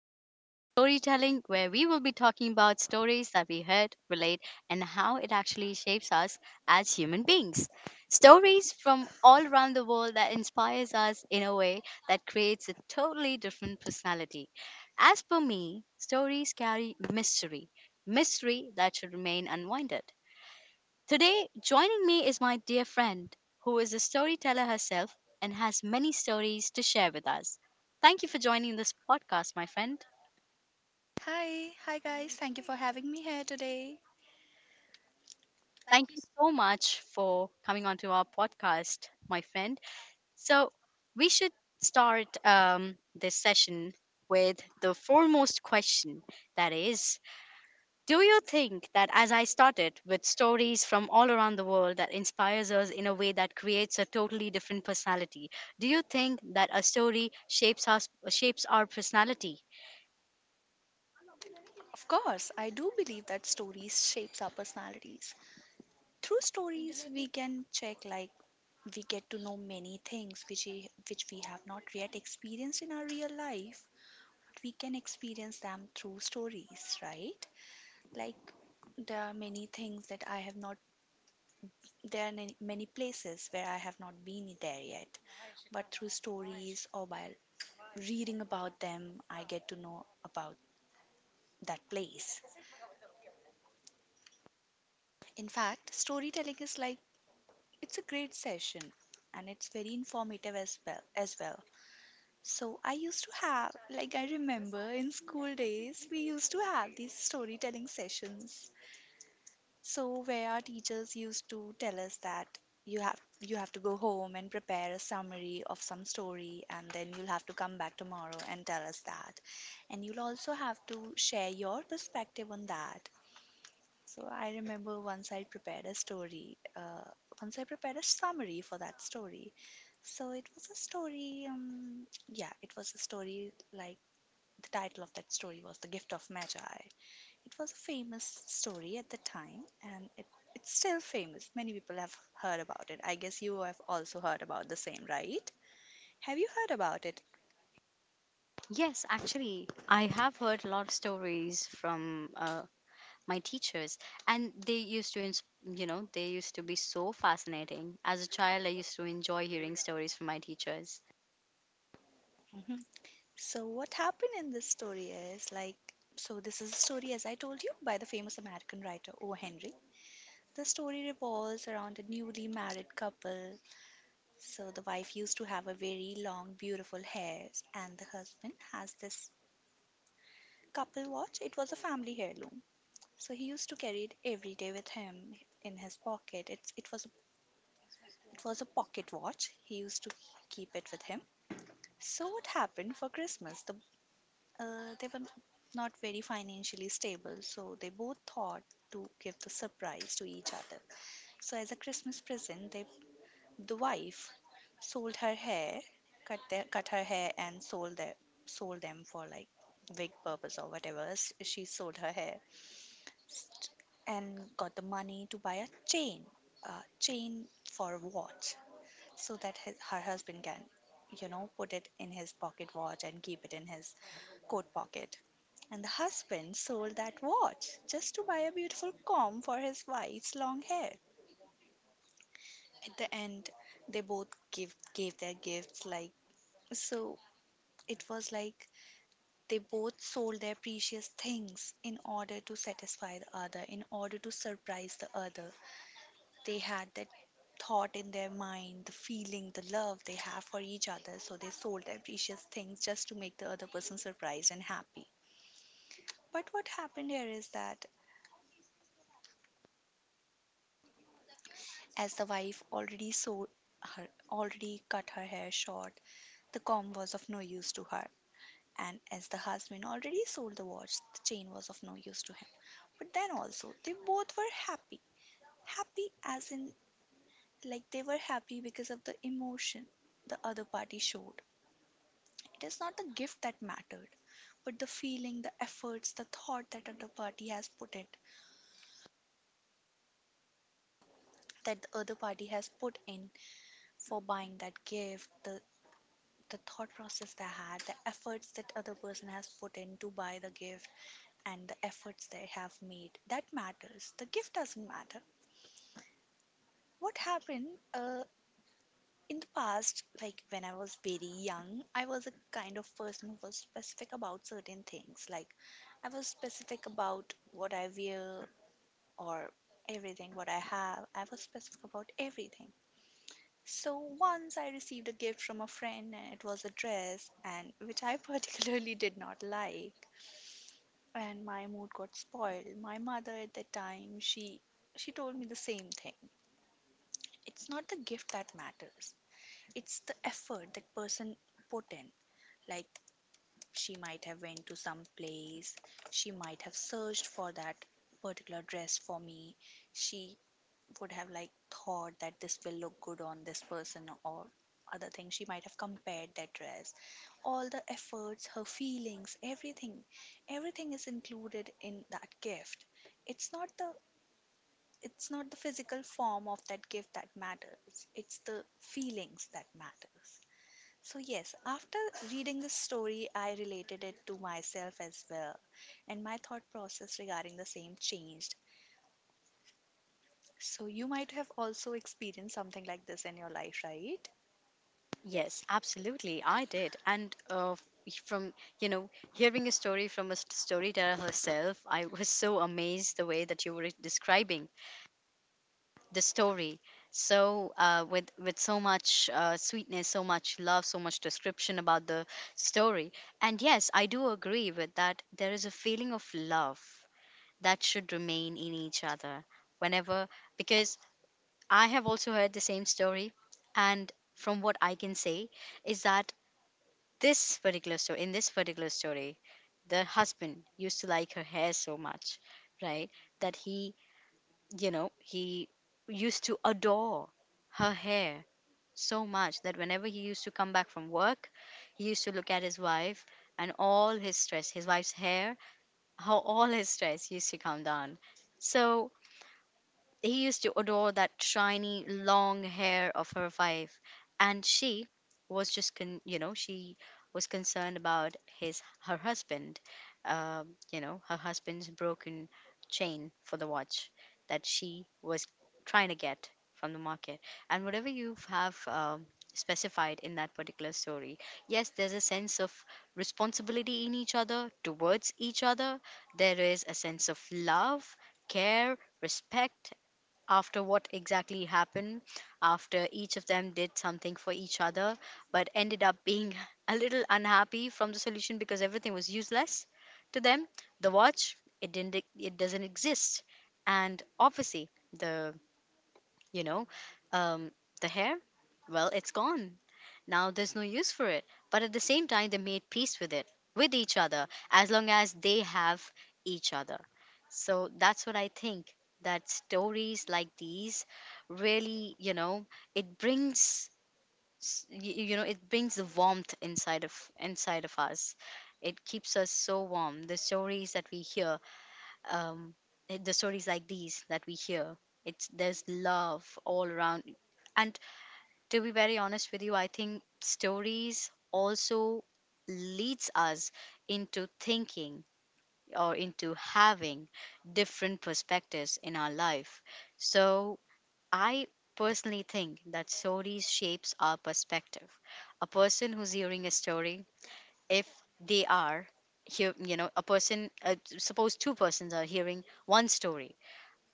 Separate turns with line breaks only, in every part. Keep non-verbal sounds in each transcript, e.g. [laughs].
podcast of storytelling, where we will be talking about stories that we heard, relate, and how it actually shapes us as human beings. Stories from all around the world that inspires us in a way that creates a totally different personality. As per me, stories carry mystery, mystery that should remain unwinded. Today, joining me is my dear friend, who is a storyteller herself and has many stories to share with us. Thank you for joining this podcast, my friend.
Hi, hi guys. Thank you for having me here today.
Thank you so much for coming onto our podcast, my friend. So, we should start this session with the foremost question that is, do you think that, as I started with stories from all around the world that inspires us in a way that creates a totally different personality, do you think that a story shapes our personality?
Of course, I do believe that stories shapes our personalities. Through stories, we can check like we get to know many things which we have not yet experienced in our real life. We can experience them through stories, right? Like there are many things that I have not there are many places where I have not been there yet, but through stories or by reading about them, I get to know about that place. In fact, storytelling is like it's a great session and it's very informative as well. So I used to have like I remember in school days we used to have these storytelling sessions. So where our teachers used to tell us that you have to go home and prepare a summary of some story and then you'll have to come back tomorrow and tell us that. And you'll also have to share your perspective on that. So I remember once I prepared a story, once I prepared a summary for that story. So it was a story, yeah, it was a story like the title of that story was The Gift of Magi. It was a famous story at the time, and it's still famous. Many people have heard about it. I guess you have also heard about the same, right? Have you heard about it?
Yes, actually, I have heard a lot of stories from my teachers, and they used to, you know, they used to be so fascinating. As a child, I used to enjoy hearing stories from my teachers.
Hmm. So what happened in this story is like, so this is a story, as I told you, by the famous American writer O. Henry. The story revolves around a newly married couple. So the wife used to have a very long, beautiful hair, and the husband has this couple watch. It was a family heirloom, so he used to carry it every day with him in his pocket. It was a pocket watch. He used to keep it with him. So what happened for Christmas? They were not very financially stable, so they both thought to give the surprise to each other. So as a Christmas present, the wife sold her hair, cut their, cut her hair and sold their, sold them for like wig purpose or whatever. She sold her hair st- and got the money to buy a chain for a watch, so that his, her husband can, put it in his pocket watch and keep it in his coat pocket. And the husband sold that watch just to buy a beautiful comb for his wife's long hair. At the end, they both give, gave their gifts like. So it was like they both sold their precious things in order to satisfy the other, in order to surprise the other. They had that thought in their mind, the feeling, the love they have for each other. So they sold their precious things just to make the other person surprised and happy. But what happened here is that as the wife already sold her already cut her hair short, the comb was of no use to her. And as the husband already sold the watch, the chain was of no use to him. But then also, they both were happy. Happy as in, like, they were happy because of the emotion the other party showed. It is not the gift that mattered, but the feeling, the efforts, the thought that other party has put it, that the other party has put in for buying that gift, the thought process they had, the efforts that other person has put in to buy the gift, and the efforts they have made. That matters. The gift doesn't matter. What happened uh, In the past, like when I was very young, I was a kind of person who was specific about certain things. Like, I was specific about what I wear or everything, what I have. I was specific about everything. So once I received a gift from a friend, and it was a dress, and [laughs] which I particularly [laughs] did not like, and my mood got spoiled. My mother at that time, she told me the same thing. It's not the gift that matters. It's the effort that person put in, like she might have went to some place, she might have searched for that particular dress for me, she would have like thought that this will look good on this person, or other thing she might have compared that dress, all the efforts, her feelings, everything is included in that gift. It's not the it's not the physical form of that gift that matters, it's the feelings that matters. So, yes, after reading this story, I related it to myself as well, and my thought process regarding the same changed. So, you might have also experienced something like this in your life, right?
Yes, absolutely. I did. And from, you know, hearing a story from a storyteller herself, I was so amazed the way that you were describing the story. So, with so much sweetness, so much love, so much description about the story. And yes, I do agree with that. There is a feeling of love that should remain in each other whenever, because I have also heard the same story. And from what I can say, is that, this particular story in this particular story, the husband used to like her hair so much, right, that he, you know, he used to adore her hair so much that whenever he used to come back from work, he used to look at his wife, and all his stress, his wife's hair, how all his stress used to come down. So he used to adore that shiny long hair of her wife, and she was just you know, she was concerned about his her husband, you know, her husband's broken chain for the watch that she was trying to get from the market, and whatever you have. Specified in that particular story, yes, there's a sense of responsibility in each other, towards each other. There is a sense of love, care, respect, after what exactly happened, after each of them did something for each other, but ended up being [laughs] a little unhappy from the solution, because everything was useless to them. The watch, it didn't, e- it doesn't exist, and obviously the, you know, um, the hair, well, it's gone. Now there's no use for it. But at the same time, they made peace with it, with each other, as long as they have each other. So that's what I think, that stories like these really, you know, it brings you know, it brings the warmth inside of us. It keeps us so warm, the stories that we hear. um the stories like these that we hear, it's there's love all around. And to be very honest with you, I think stories also leads us into thinking, or into having different perspectives in our life. So I personally think that stories shapes our perspective. A person who's hearing a story, if they are here you know, a person, suppose two persons are hearing one story,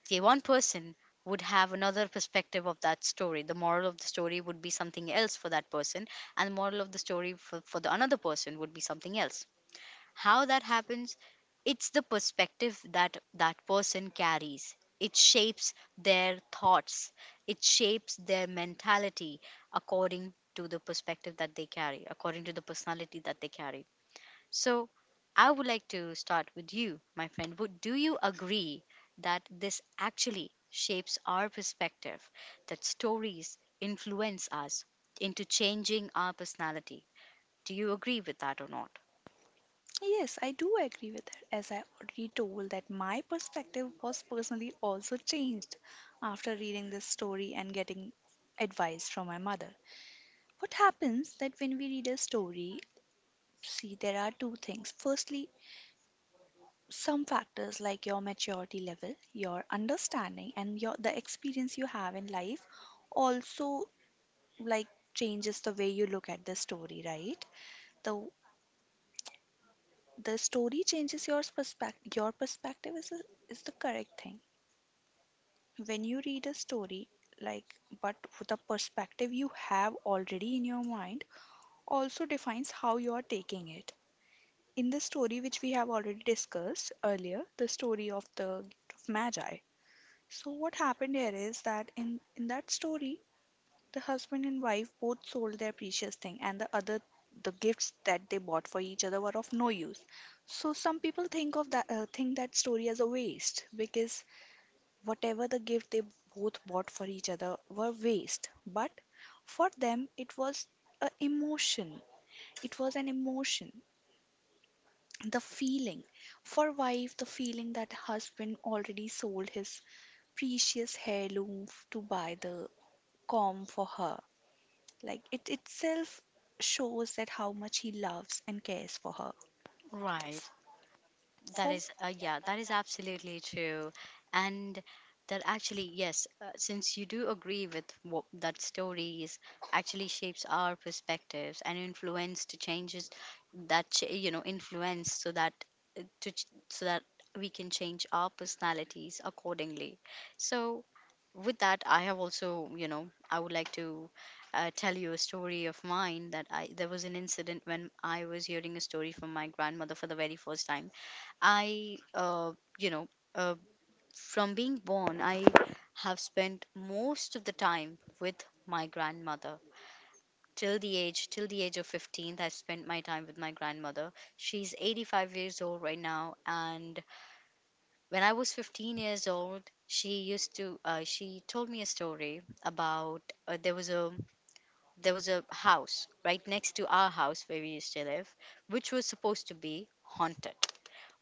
the one person would have another perspective of that story. The moral of the story would be something else for that person, and the moral of the story for the another person would be something else. How that happens? It's the perspective that that person carries. It shapes their thoughts, it shapes their mentality, according to the perspective that they carry, according to the personality that they carry. So, I would like to start with you, my friend. Would Do you agree that this actually shapes our perspective, that stories influence us into changing our personality? Do you agree with that or not?
Yes, I do agree with her, as I already told that my perspective was personally also changed after reading this story and getting advice from my mother. What happens that when we read a story, see, there are two things. Firstly, some factors like your maturity level, your understanding and your the experience you have in life also like changes the way you look at the story, right? The the story changes your perspective. Your perspective is a, is the correct thing. When you read a story like but the perspective you have already in your mind also defines how you are taking it. In the story which we have already discussed earlier, the story of The Gift of Magi. So what happened here is that in that story, the husband and wife both sold their precious thing, and the other the gifts that they bought for each other were of no use. So some people think of that think that story as a waste, because whatever the gift they both bought for each other were waste. But for them, it was a emotion. It was an emotion, the feeling. For wife, the feeling that husband already sold his precious heirloom to buy the calm for her. Like it itself shows that how much he loves and cares for her. F-
Right. That
For
is, yeah, that is absolutely true. And that actually, yes, since you do agree with what that stories actually shapes our perspectives and influence to changes that, you know, influence so that, so that we can change our personalities accordingly. So with that, I have also, you know, I would like to tell you a story of mine. That I There was an incident when I was hearing a story from my grandmother for the very first time. I, uh, you know, uh, from being born, I have spent most of the time with my grandmother. Till the age of 15, I spent my time with my grandmother. She's 85 years old right now, and when I was 15 years old, she used to, she told me a story about, there was a, there was a house right next to our house where we used to live, which was supposed to be haunted.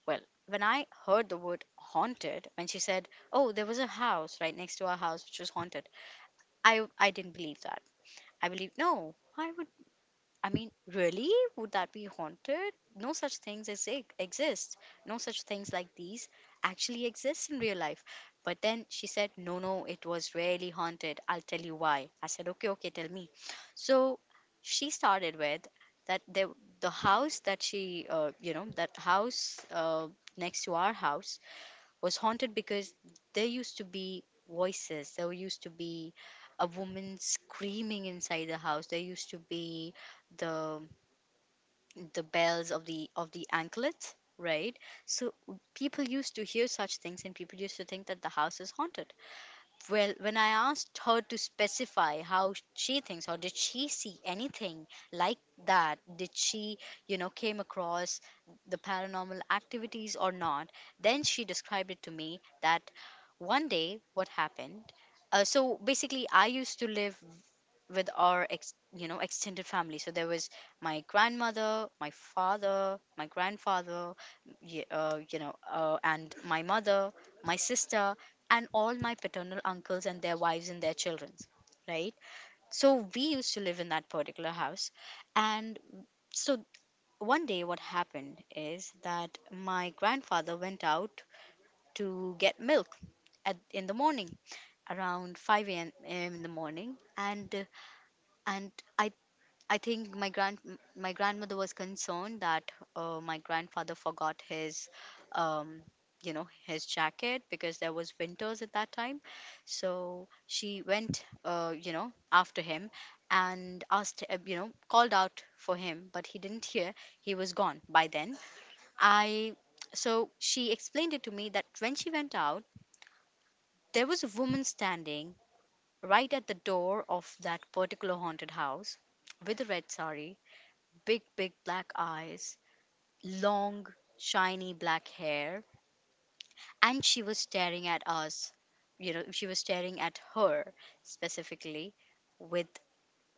Well, when I heard the word haunted, when she said, "Oh, there was a house right next to our house which was haunted," I didn't believe that. I believed no. Why would, I mean, really? Would that be haunted? No such things as exist. No such things like these actually exist in real life. But then she said, no, no, it was really haunted. I'll tell you why. I said, okay, okay, tell me. So she started with that, there, the house that she, you know, that house, next to our house, was haunted because there used to be voices. There used to be a woman screaming inside the house. There used to be the, bells of the, of the anklets, right? So people used to hear such things, and people used to think that the house is haunted. Well, when I asked her to specify how she thinks, or did she see anything like that? Did she, you know, came across the paranormal activities or not? Then she described it to me that one day what happened, so basically I used to live with our you know, extended family. So there was my grandmother, my father, my grandfather, you know, and my mother, my sister, and all my paternal uncles and their wives and their children, right? So we used to live in that particular house. And so one day what happened is that my grandfather went out to get milk in the morning, around 5 a.m. in the morning. And and i I think my grandmother was concerned that, my grandfather forgot his, um you know, his jacket, because there was winters at that time. So she went, you know, after him, and asked, you know, called out for him, but he didn't hear, he was gone by then. I So she explained it to me that when she went out, there was a woman standing right at the door of that particular haunted house, with a red sari, big, big black eyes, long, shiny black hair. And she was staring at us, you know, she was staring at her specifically with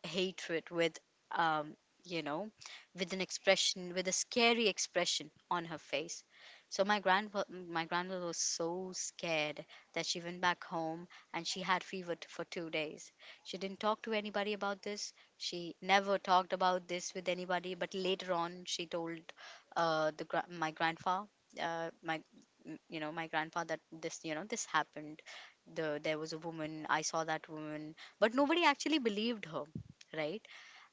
hatred, with um you know, with an expression, with a scary expression on her face. So my grandmother was so scared that she went back home, and she had fever for 2 days. She didn't talk to anybody about this, she never talked about this with anybody, but later on she told, my grandpa, uh my you know, my grandpa, that this, you know, this happened, there was a woman, I saw that woman, but nobody actually believed her, right?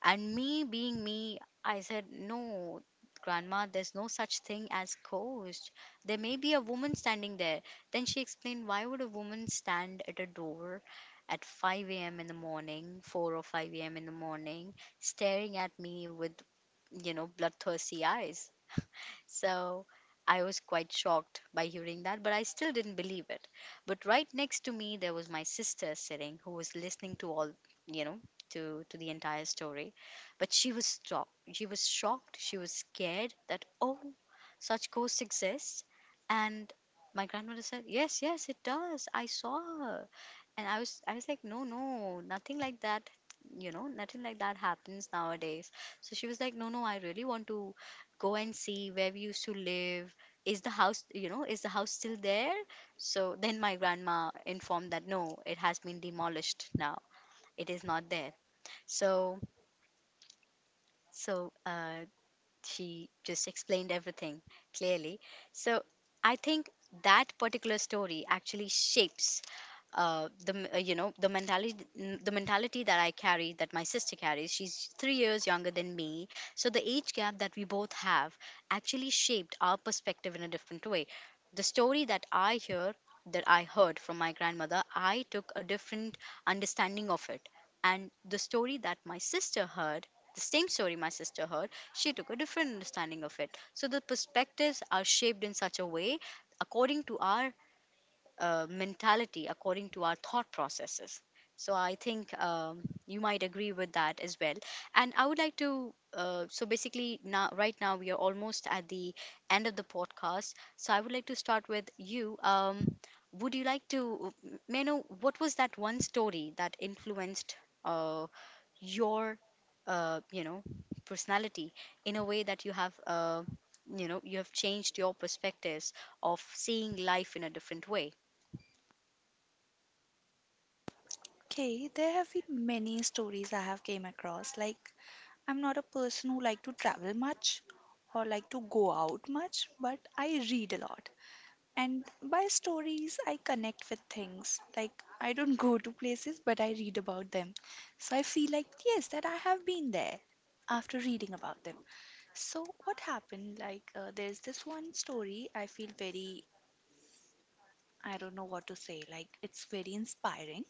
And me being me, I said, no, grandma, there's no such thing as ghost. There may be a woman standing there. Then she explained, why would a woman stand at a door at 5 a.m. in the morning, 4 or 5 a.m. in the morning, staring at me with, you know, bloodthirsty eyes? So I was quite shocked by hearing that, but I still didn't believe it. But right next to me, there was my sister sitting, who was listening to all, you know, to the entire story. But she was shocked. She was shocked. She was scared that, oh, such ghosts exist. And my grandmother said, yes, yes, it does. I saw her. And I was like, no, no, nothing like that. You know, nothing like that happens nowadays. So she was like, no, no, I really want to go and see where we used to live. Is the house, you know, is the house still there? So then my grandma informed that no, it has been demolished now, it is not there. So, so uh, she just explained everything clearly. So I think that particular story actually shapes the m- you know the mentality that I carry, that my sister carries. She's 3 years younger than me, so the age gap that we both have actually shaped our perspective in a different way. The story that I hear that I heard from my grandmother, I took a different understanding of it, and the story that my sister heard. The same story my sister heard, she took a different understanding of it. So the perspectives are shaped in such a way according to our mentality, according to our thought processes. So I think you might agree with that as well. And I would like to. So basically, now right now we are almost at the end of the podcast. So I would like to start with you. Would you like to, may I know what was that one story that influenced uh, your uh, you know personality in a way that you have you have changed your perspectives of seeing life in a different way?
Okay, there have been many stories I have came across. Like I'm not a person who like to travel much or like to go out much, but I read a lot. And by stories I connect with things. Like I don't go to places but I read about them. So I feel like yes that I have been there after reading about them. So what happened? There's this one story I feel very I don't know what to say. Like it's very inspiring.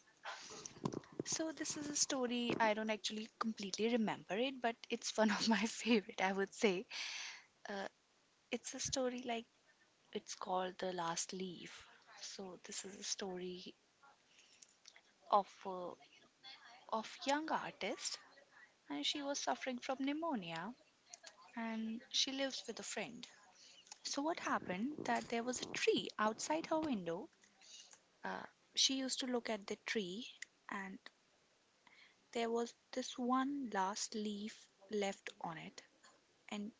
So this is a story I don't actually completely remember it, but it's [laughs] one of my [laughs] favorite, I would say. Uh, it's a story like it's called The Last Leaf. So this is a story of a of young artist, and she was suffering from pneumonia and she lives with a friend. So what happened that there was a tree outside her window. Uh, she used to look at the tree, and there was this one last leaf left on it. And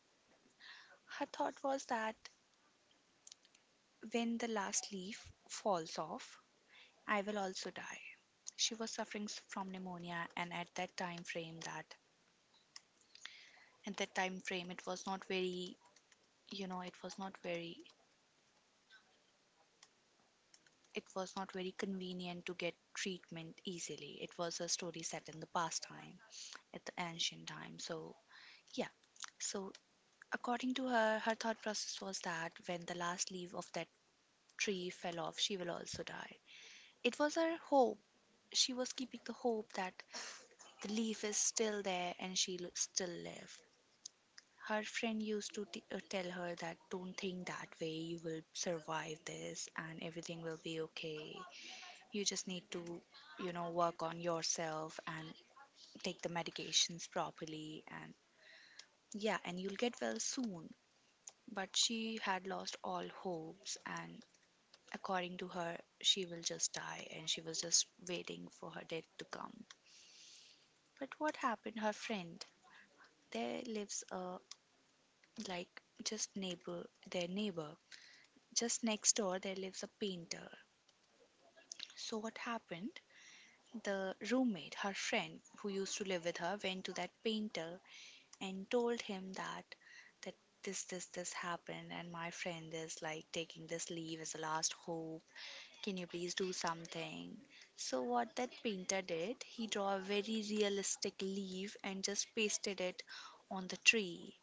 her thought was that when the last leaf falls off, I will also die. She was suffering from pneumonia, and at that time frame, it was not very, you know, it was not very, it was not very convenient to get treatment easily. It was a story set in the past time, at the ancient time. So yeah, so according to her, her thought process was that when the last leaf of that tree fell off, she will also die. It was her hope. She was keeping the hope that the leaf is still there and she'll still live. Her friend used to tell her that don't think that way, you will survive this and everything will be okay. You just need to, work on yourself and take the medications properly, and yeah, and you'll get well soon. But she had lost all hopes, and according to her, she will just die and she was just waiting for her death to come. But what happened? Her friend, there lives a like just neighbor, their neighbor. Just next door, there lives a painter. So what happened? The roommate, her friend who used to live with her, went to that painter and told him that this happened and my friend is like taking this leave as a last hope. Can you please do something? So, what that painter did, he draw a very realistic leaf and just pasted it on the tree.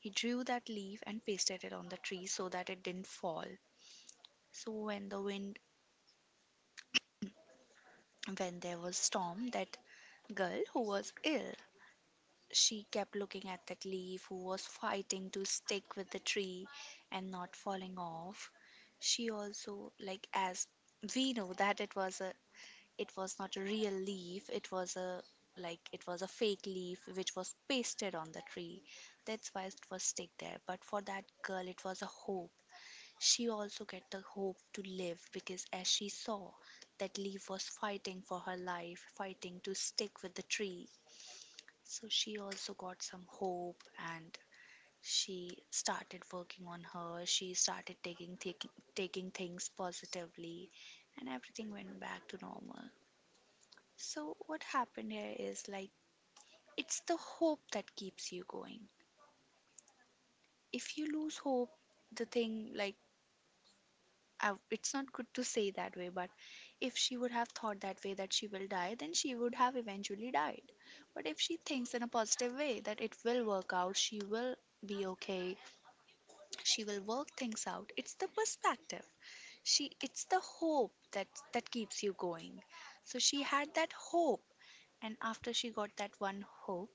He drew that leaf and pasted it on the tree so that it didn't fall. So, when the wind, when there was storm, that girl who was ill, she kept looking at that leaf who was fighting to stick with the tree and not falling off. She also, like, as we know that it was a it was not a real leaf, it was a, like, it was a fake leaf which was pasted on the tree. That's why it was stick there, but for that girl it was a hope. She also get the hope to live because as she saw that leaf was fighting for her life, fighting to stick with the tree, so she also got some hope. And she started working on her, she started taking things positively, and everything went back to normal. So, what happened here is, like, it's the hope that keeps you going. If you lose hope, the thing, like, I, it's not good to say that way, but if she would have thought that way, that she will die, then she would have eventually died. But if she thinks in a positive way that it will work out, she will be okay, she will work things out. It's the perspective. She, it's the hope that keeps you going. So she had that hope, and after she got that one hope,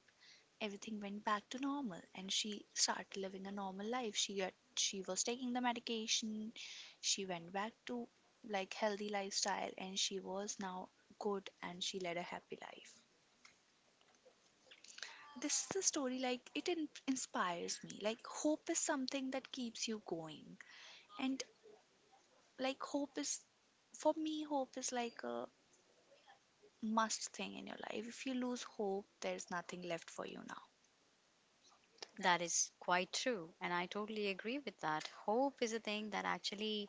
everything went back to normal and she started living a normal life. She got, she was taking the medication, she went back to, like, healthy lifestyle, and she was now good and she led a happy life. This is a story, like, it inspires me, like, hope is something that keeps you going. And, like, hope is, for me hope is like a must thing in your life. If you lose hope, there's nothing left for you now.
That is quite true, and I totally agree with that. Hope is a thing that actually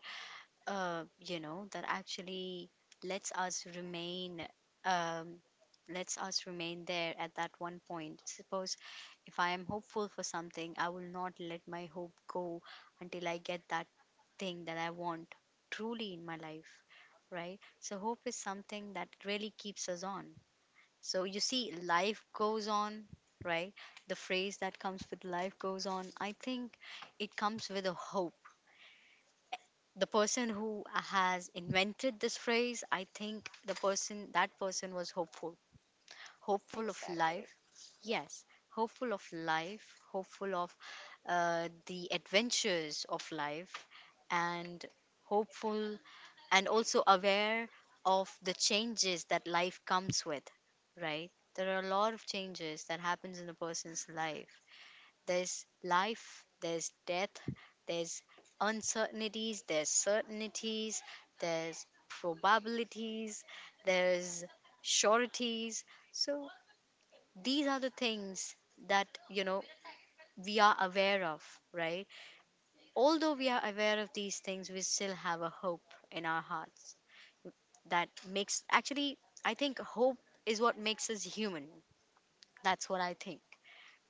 that actually lets us remain, um, lets us remain there at that one point. Suppose if I am hopeful for something, I will not let my hope go until I get that thing that I want truly in my life, right? So hope is something that really keeps us on. So, you see, life goes on, right? The phrase that comes with life goes on, I think it comes with a hope. The person who has invented this phrase, I think the person, that person was hopeful, hopeful of life. Yes, hopeful of life, hopeful of the adventures of life, and hopeful and also aware of the changes that life comes with, right? There are a lot of changes that happens in a person's life. There's life, there's death, there's uncertainties, there's certainties, there's probabilities, there's sureties. So these are the things that, you know, we are aware of, right? Although we are aware of these things, we still have a hope in our hearts that makes actually, I think hope is what makes us human. That's what I think,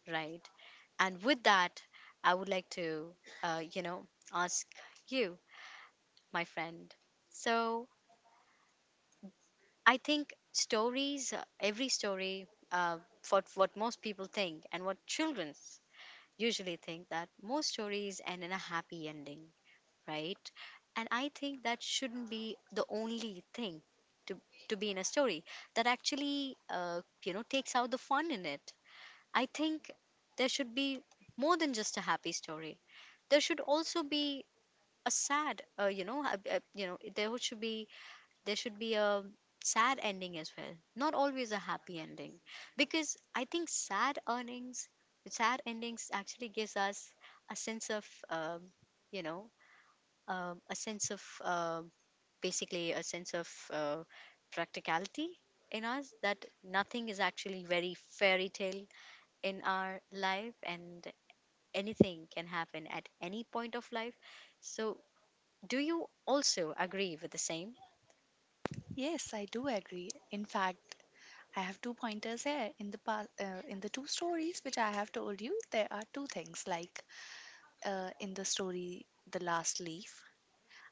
right? And with that, I would like to, uh, you know, ask you, my friend. So I think stories, every story, uh, what most people think and what children usually think, that most stories end in a happy ending, right? And I think that shouldn't be the only thing to to be in a story, that actually, takes out the fun in it. I think there should be more than just a happy story. There should also be a sad, you know there would should be there should be a sad ending as well, not always a happy ending. Because i think sad earnings sad endings actually gives us a sense of um, you know a sense of basically a sense of practicality in us, that nothing is actually very fairy tale in our life, and anything can happen at any point of life. So do you also agree with the same?
Yes, I do agree. In fact, I have two pointers here. In the past, in the two stories which I have told you, there are two things. Like, in the story, The Last Leaf,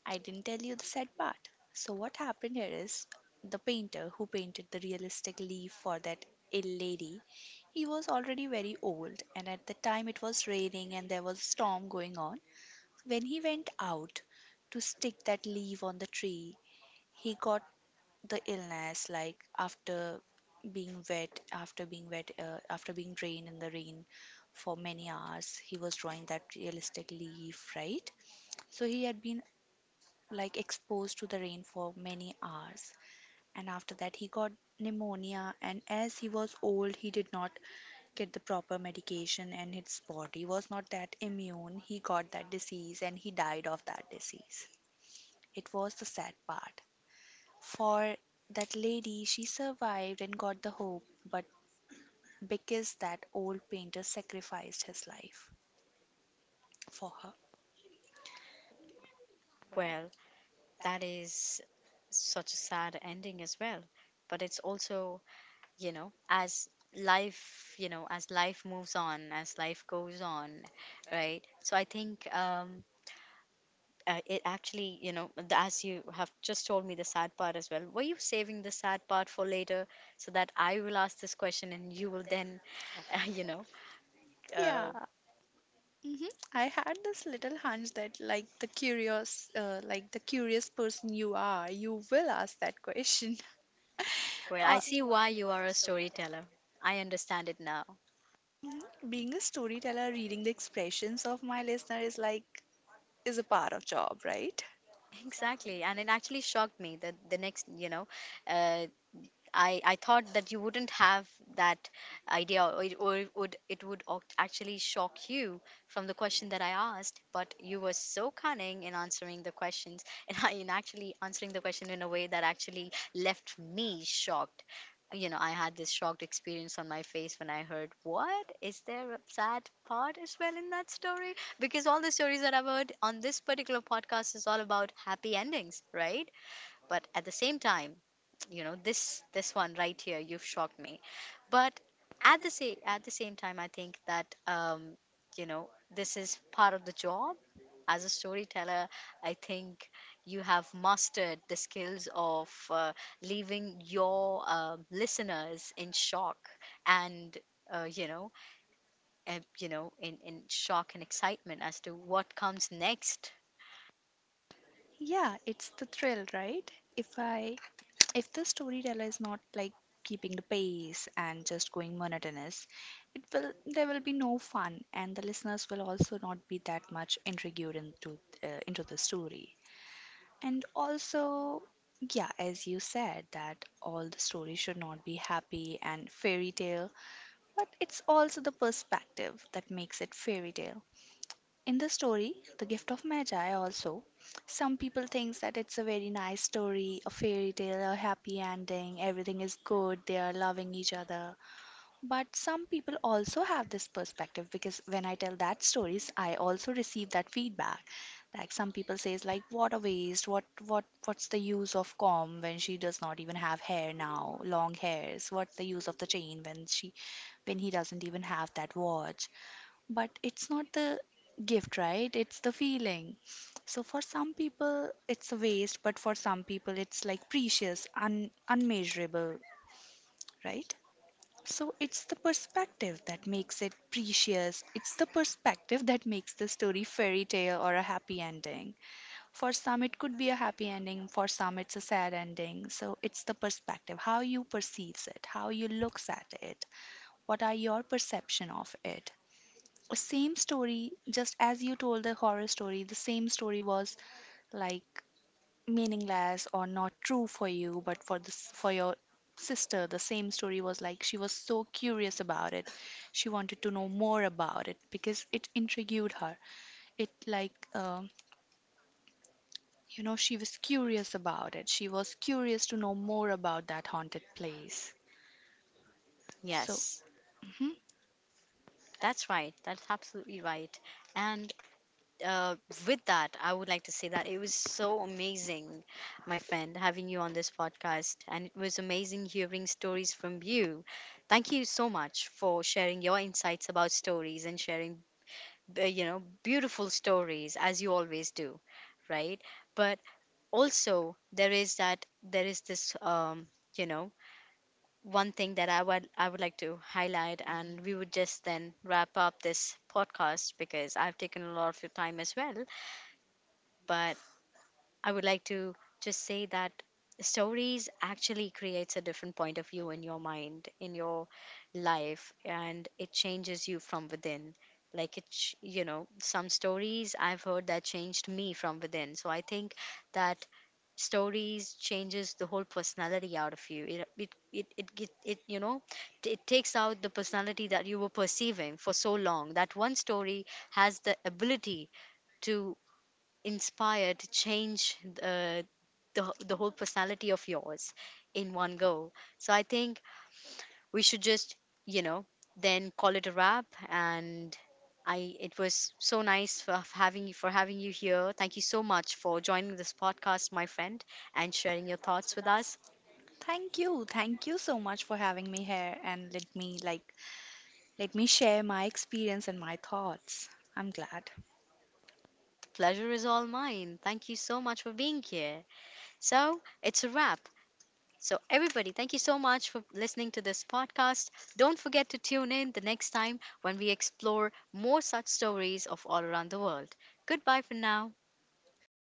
I didn't tell you the sad part. So what happened here is the painter who painted the realistic leaf for that ill lady, he was already very old, and at the time it was raining and there was a storm going on. When he went out to stick that leaf on the tree, he got the illness, like, after being wet, after being drained in the rain for many hours. He was drawing that realistic leaf, right? So he had been, like, exposed to the rain for many hours, and after that he got pneumonia, and as he was old he did not get the proper medication and his body was not that immune. He got that disease and he died of that disease. It was the sad part for that lady. She survived and got the hope, but because that old painter sacrificed his life for her.
Well, that is such a sad ending as well. But it's also, you know, as life, you know, as life moves on, as life goes on, right? So I think it actually, you know, as you have just told me the sad part as well, were you saving the sad part for later so that I will ask this question and you will then, [laughs] you know, uh,
Yeah. Hmm. I had this little hunch that, like, the curious like the curious person you are, you will ask that question.
well, I
Uh,
see why you are a storyteller. I understand it now.
mhm. Being a storyteller, reading the expressions of my listener is like is a part of job, right?
Exactly, and it actually shocked me that the next, you know, uh, I thought that you wouldn't have that idea, or it would, it would actually shock you from the question that I asked, but you were so cunning in answering the questions [laughs] in actually answering the question in a way that actually left me shocked. You know, I had this shocked experience on my face when I heard, what, is there a sad part as well in that story? Because all the stories that I've heard on this particular podcast is all about happy endings, right? But at the same time, you know, this one right here, you've shocked me. But at the same time I think that you know this is part of the job as a storyteller. I think you have mastered the skills of leaving your listeners in shock, and uh, you know in shock and excitement as to what comes next.
Yeah, it's the thrill, right? If I If the storyteller is not like keeping the pace and just going monotonous, it will, there will be no fun, and the listeners will also not be that much intrigued into the story. And also, yeah, as you said, that all the stories should not be happy and fairy tale, but it's also the perspective that makes it fairy tale. In the story, The Gift of Magi, also, some people think that it's a very nice story, a fairy tale, a happy ending, everything is good, they are loving each other. But some people also have this perspective, because when I tell that stories, I also receive that feedback. Like, some people says like, what a waste, what what's the use of comb when she does not even have hair now, long hairs? What's the use of the chain when she, when he doesn't even have that watch? But it's not the gift, right? It's the feeling. So for some people, it's a waste, but for some people, it's like precious, unmeasurable, right? So it's the perspective that makes it precious. It's the perspective that makes the story fairy tale or a happy ending. For some it could be a happy ending, for some it's a sad ending. So it's the perspective, how you perceives it, how you looks at it, what are your perception of it. Same story, just as you told the horror story, the same story was, like, meaningless or not true for you, but for this, for your sister, the same story was like she was so curious about it. She wanted to know more about it because it intrigued her. It, like, you know, she was curious about it. She was curious to know more about that haunted place. So.
Yes,
Mhm.
that's right, that's absolutely right. And uh, with that, I would like to say that it was so amazing, my friend, having you on this podcast. And it was amazing hearing stories from you. Thank you so much for sharing your insights about stories and sharing, beautiful stories as you always do, right? But also, there is that, there is this, you know, one thing that I would like to highlight, and we would just then wrap up this podcast, because I've taken a lot of your time as well. But I would like to just say that stories actually creates a different point of view in your mind, in your life, and it changes you from within. Like it, ch- you know, some stories I've heard that changed me from within. So I think that stories changes the whole personality out of you. It you know, t- It takes out the personality that you were perceiving for so long. That one story has the ability to inspired to change the whole personality of yours in one go. So I think we should just, you know, then call it a wrap. And I It was so nice having you, for having you here. Thank you so much for joining this podcast, my friend, and sharing your thoughts with us.
Thank you. Thank you so much for having me here and let me, like, let me share my experience and my thoughts. I'm glad.
The pleasure is all mine. Thank you so much for being here. So it's a wrap. So, everybody, thank you so much for listening to this podcast. Don't forget to tune in the next time when we explore more such stories of all around the world. Goodbye for now.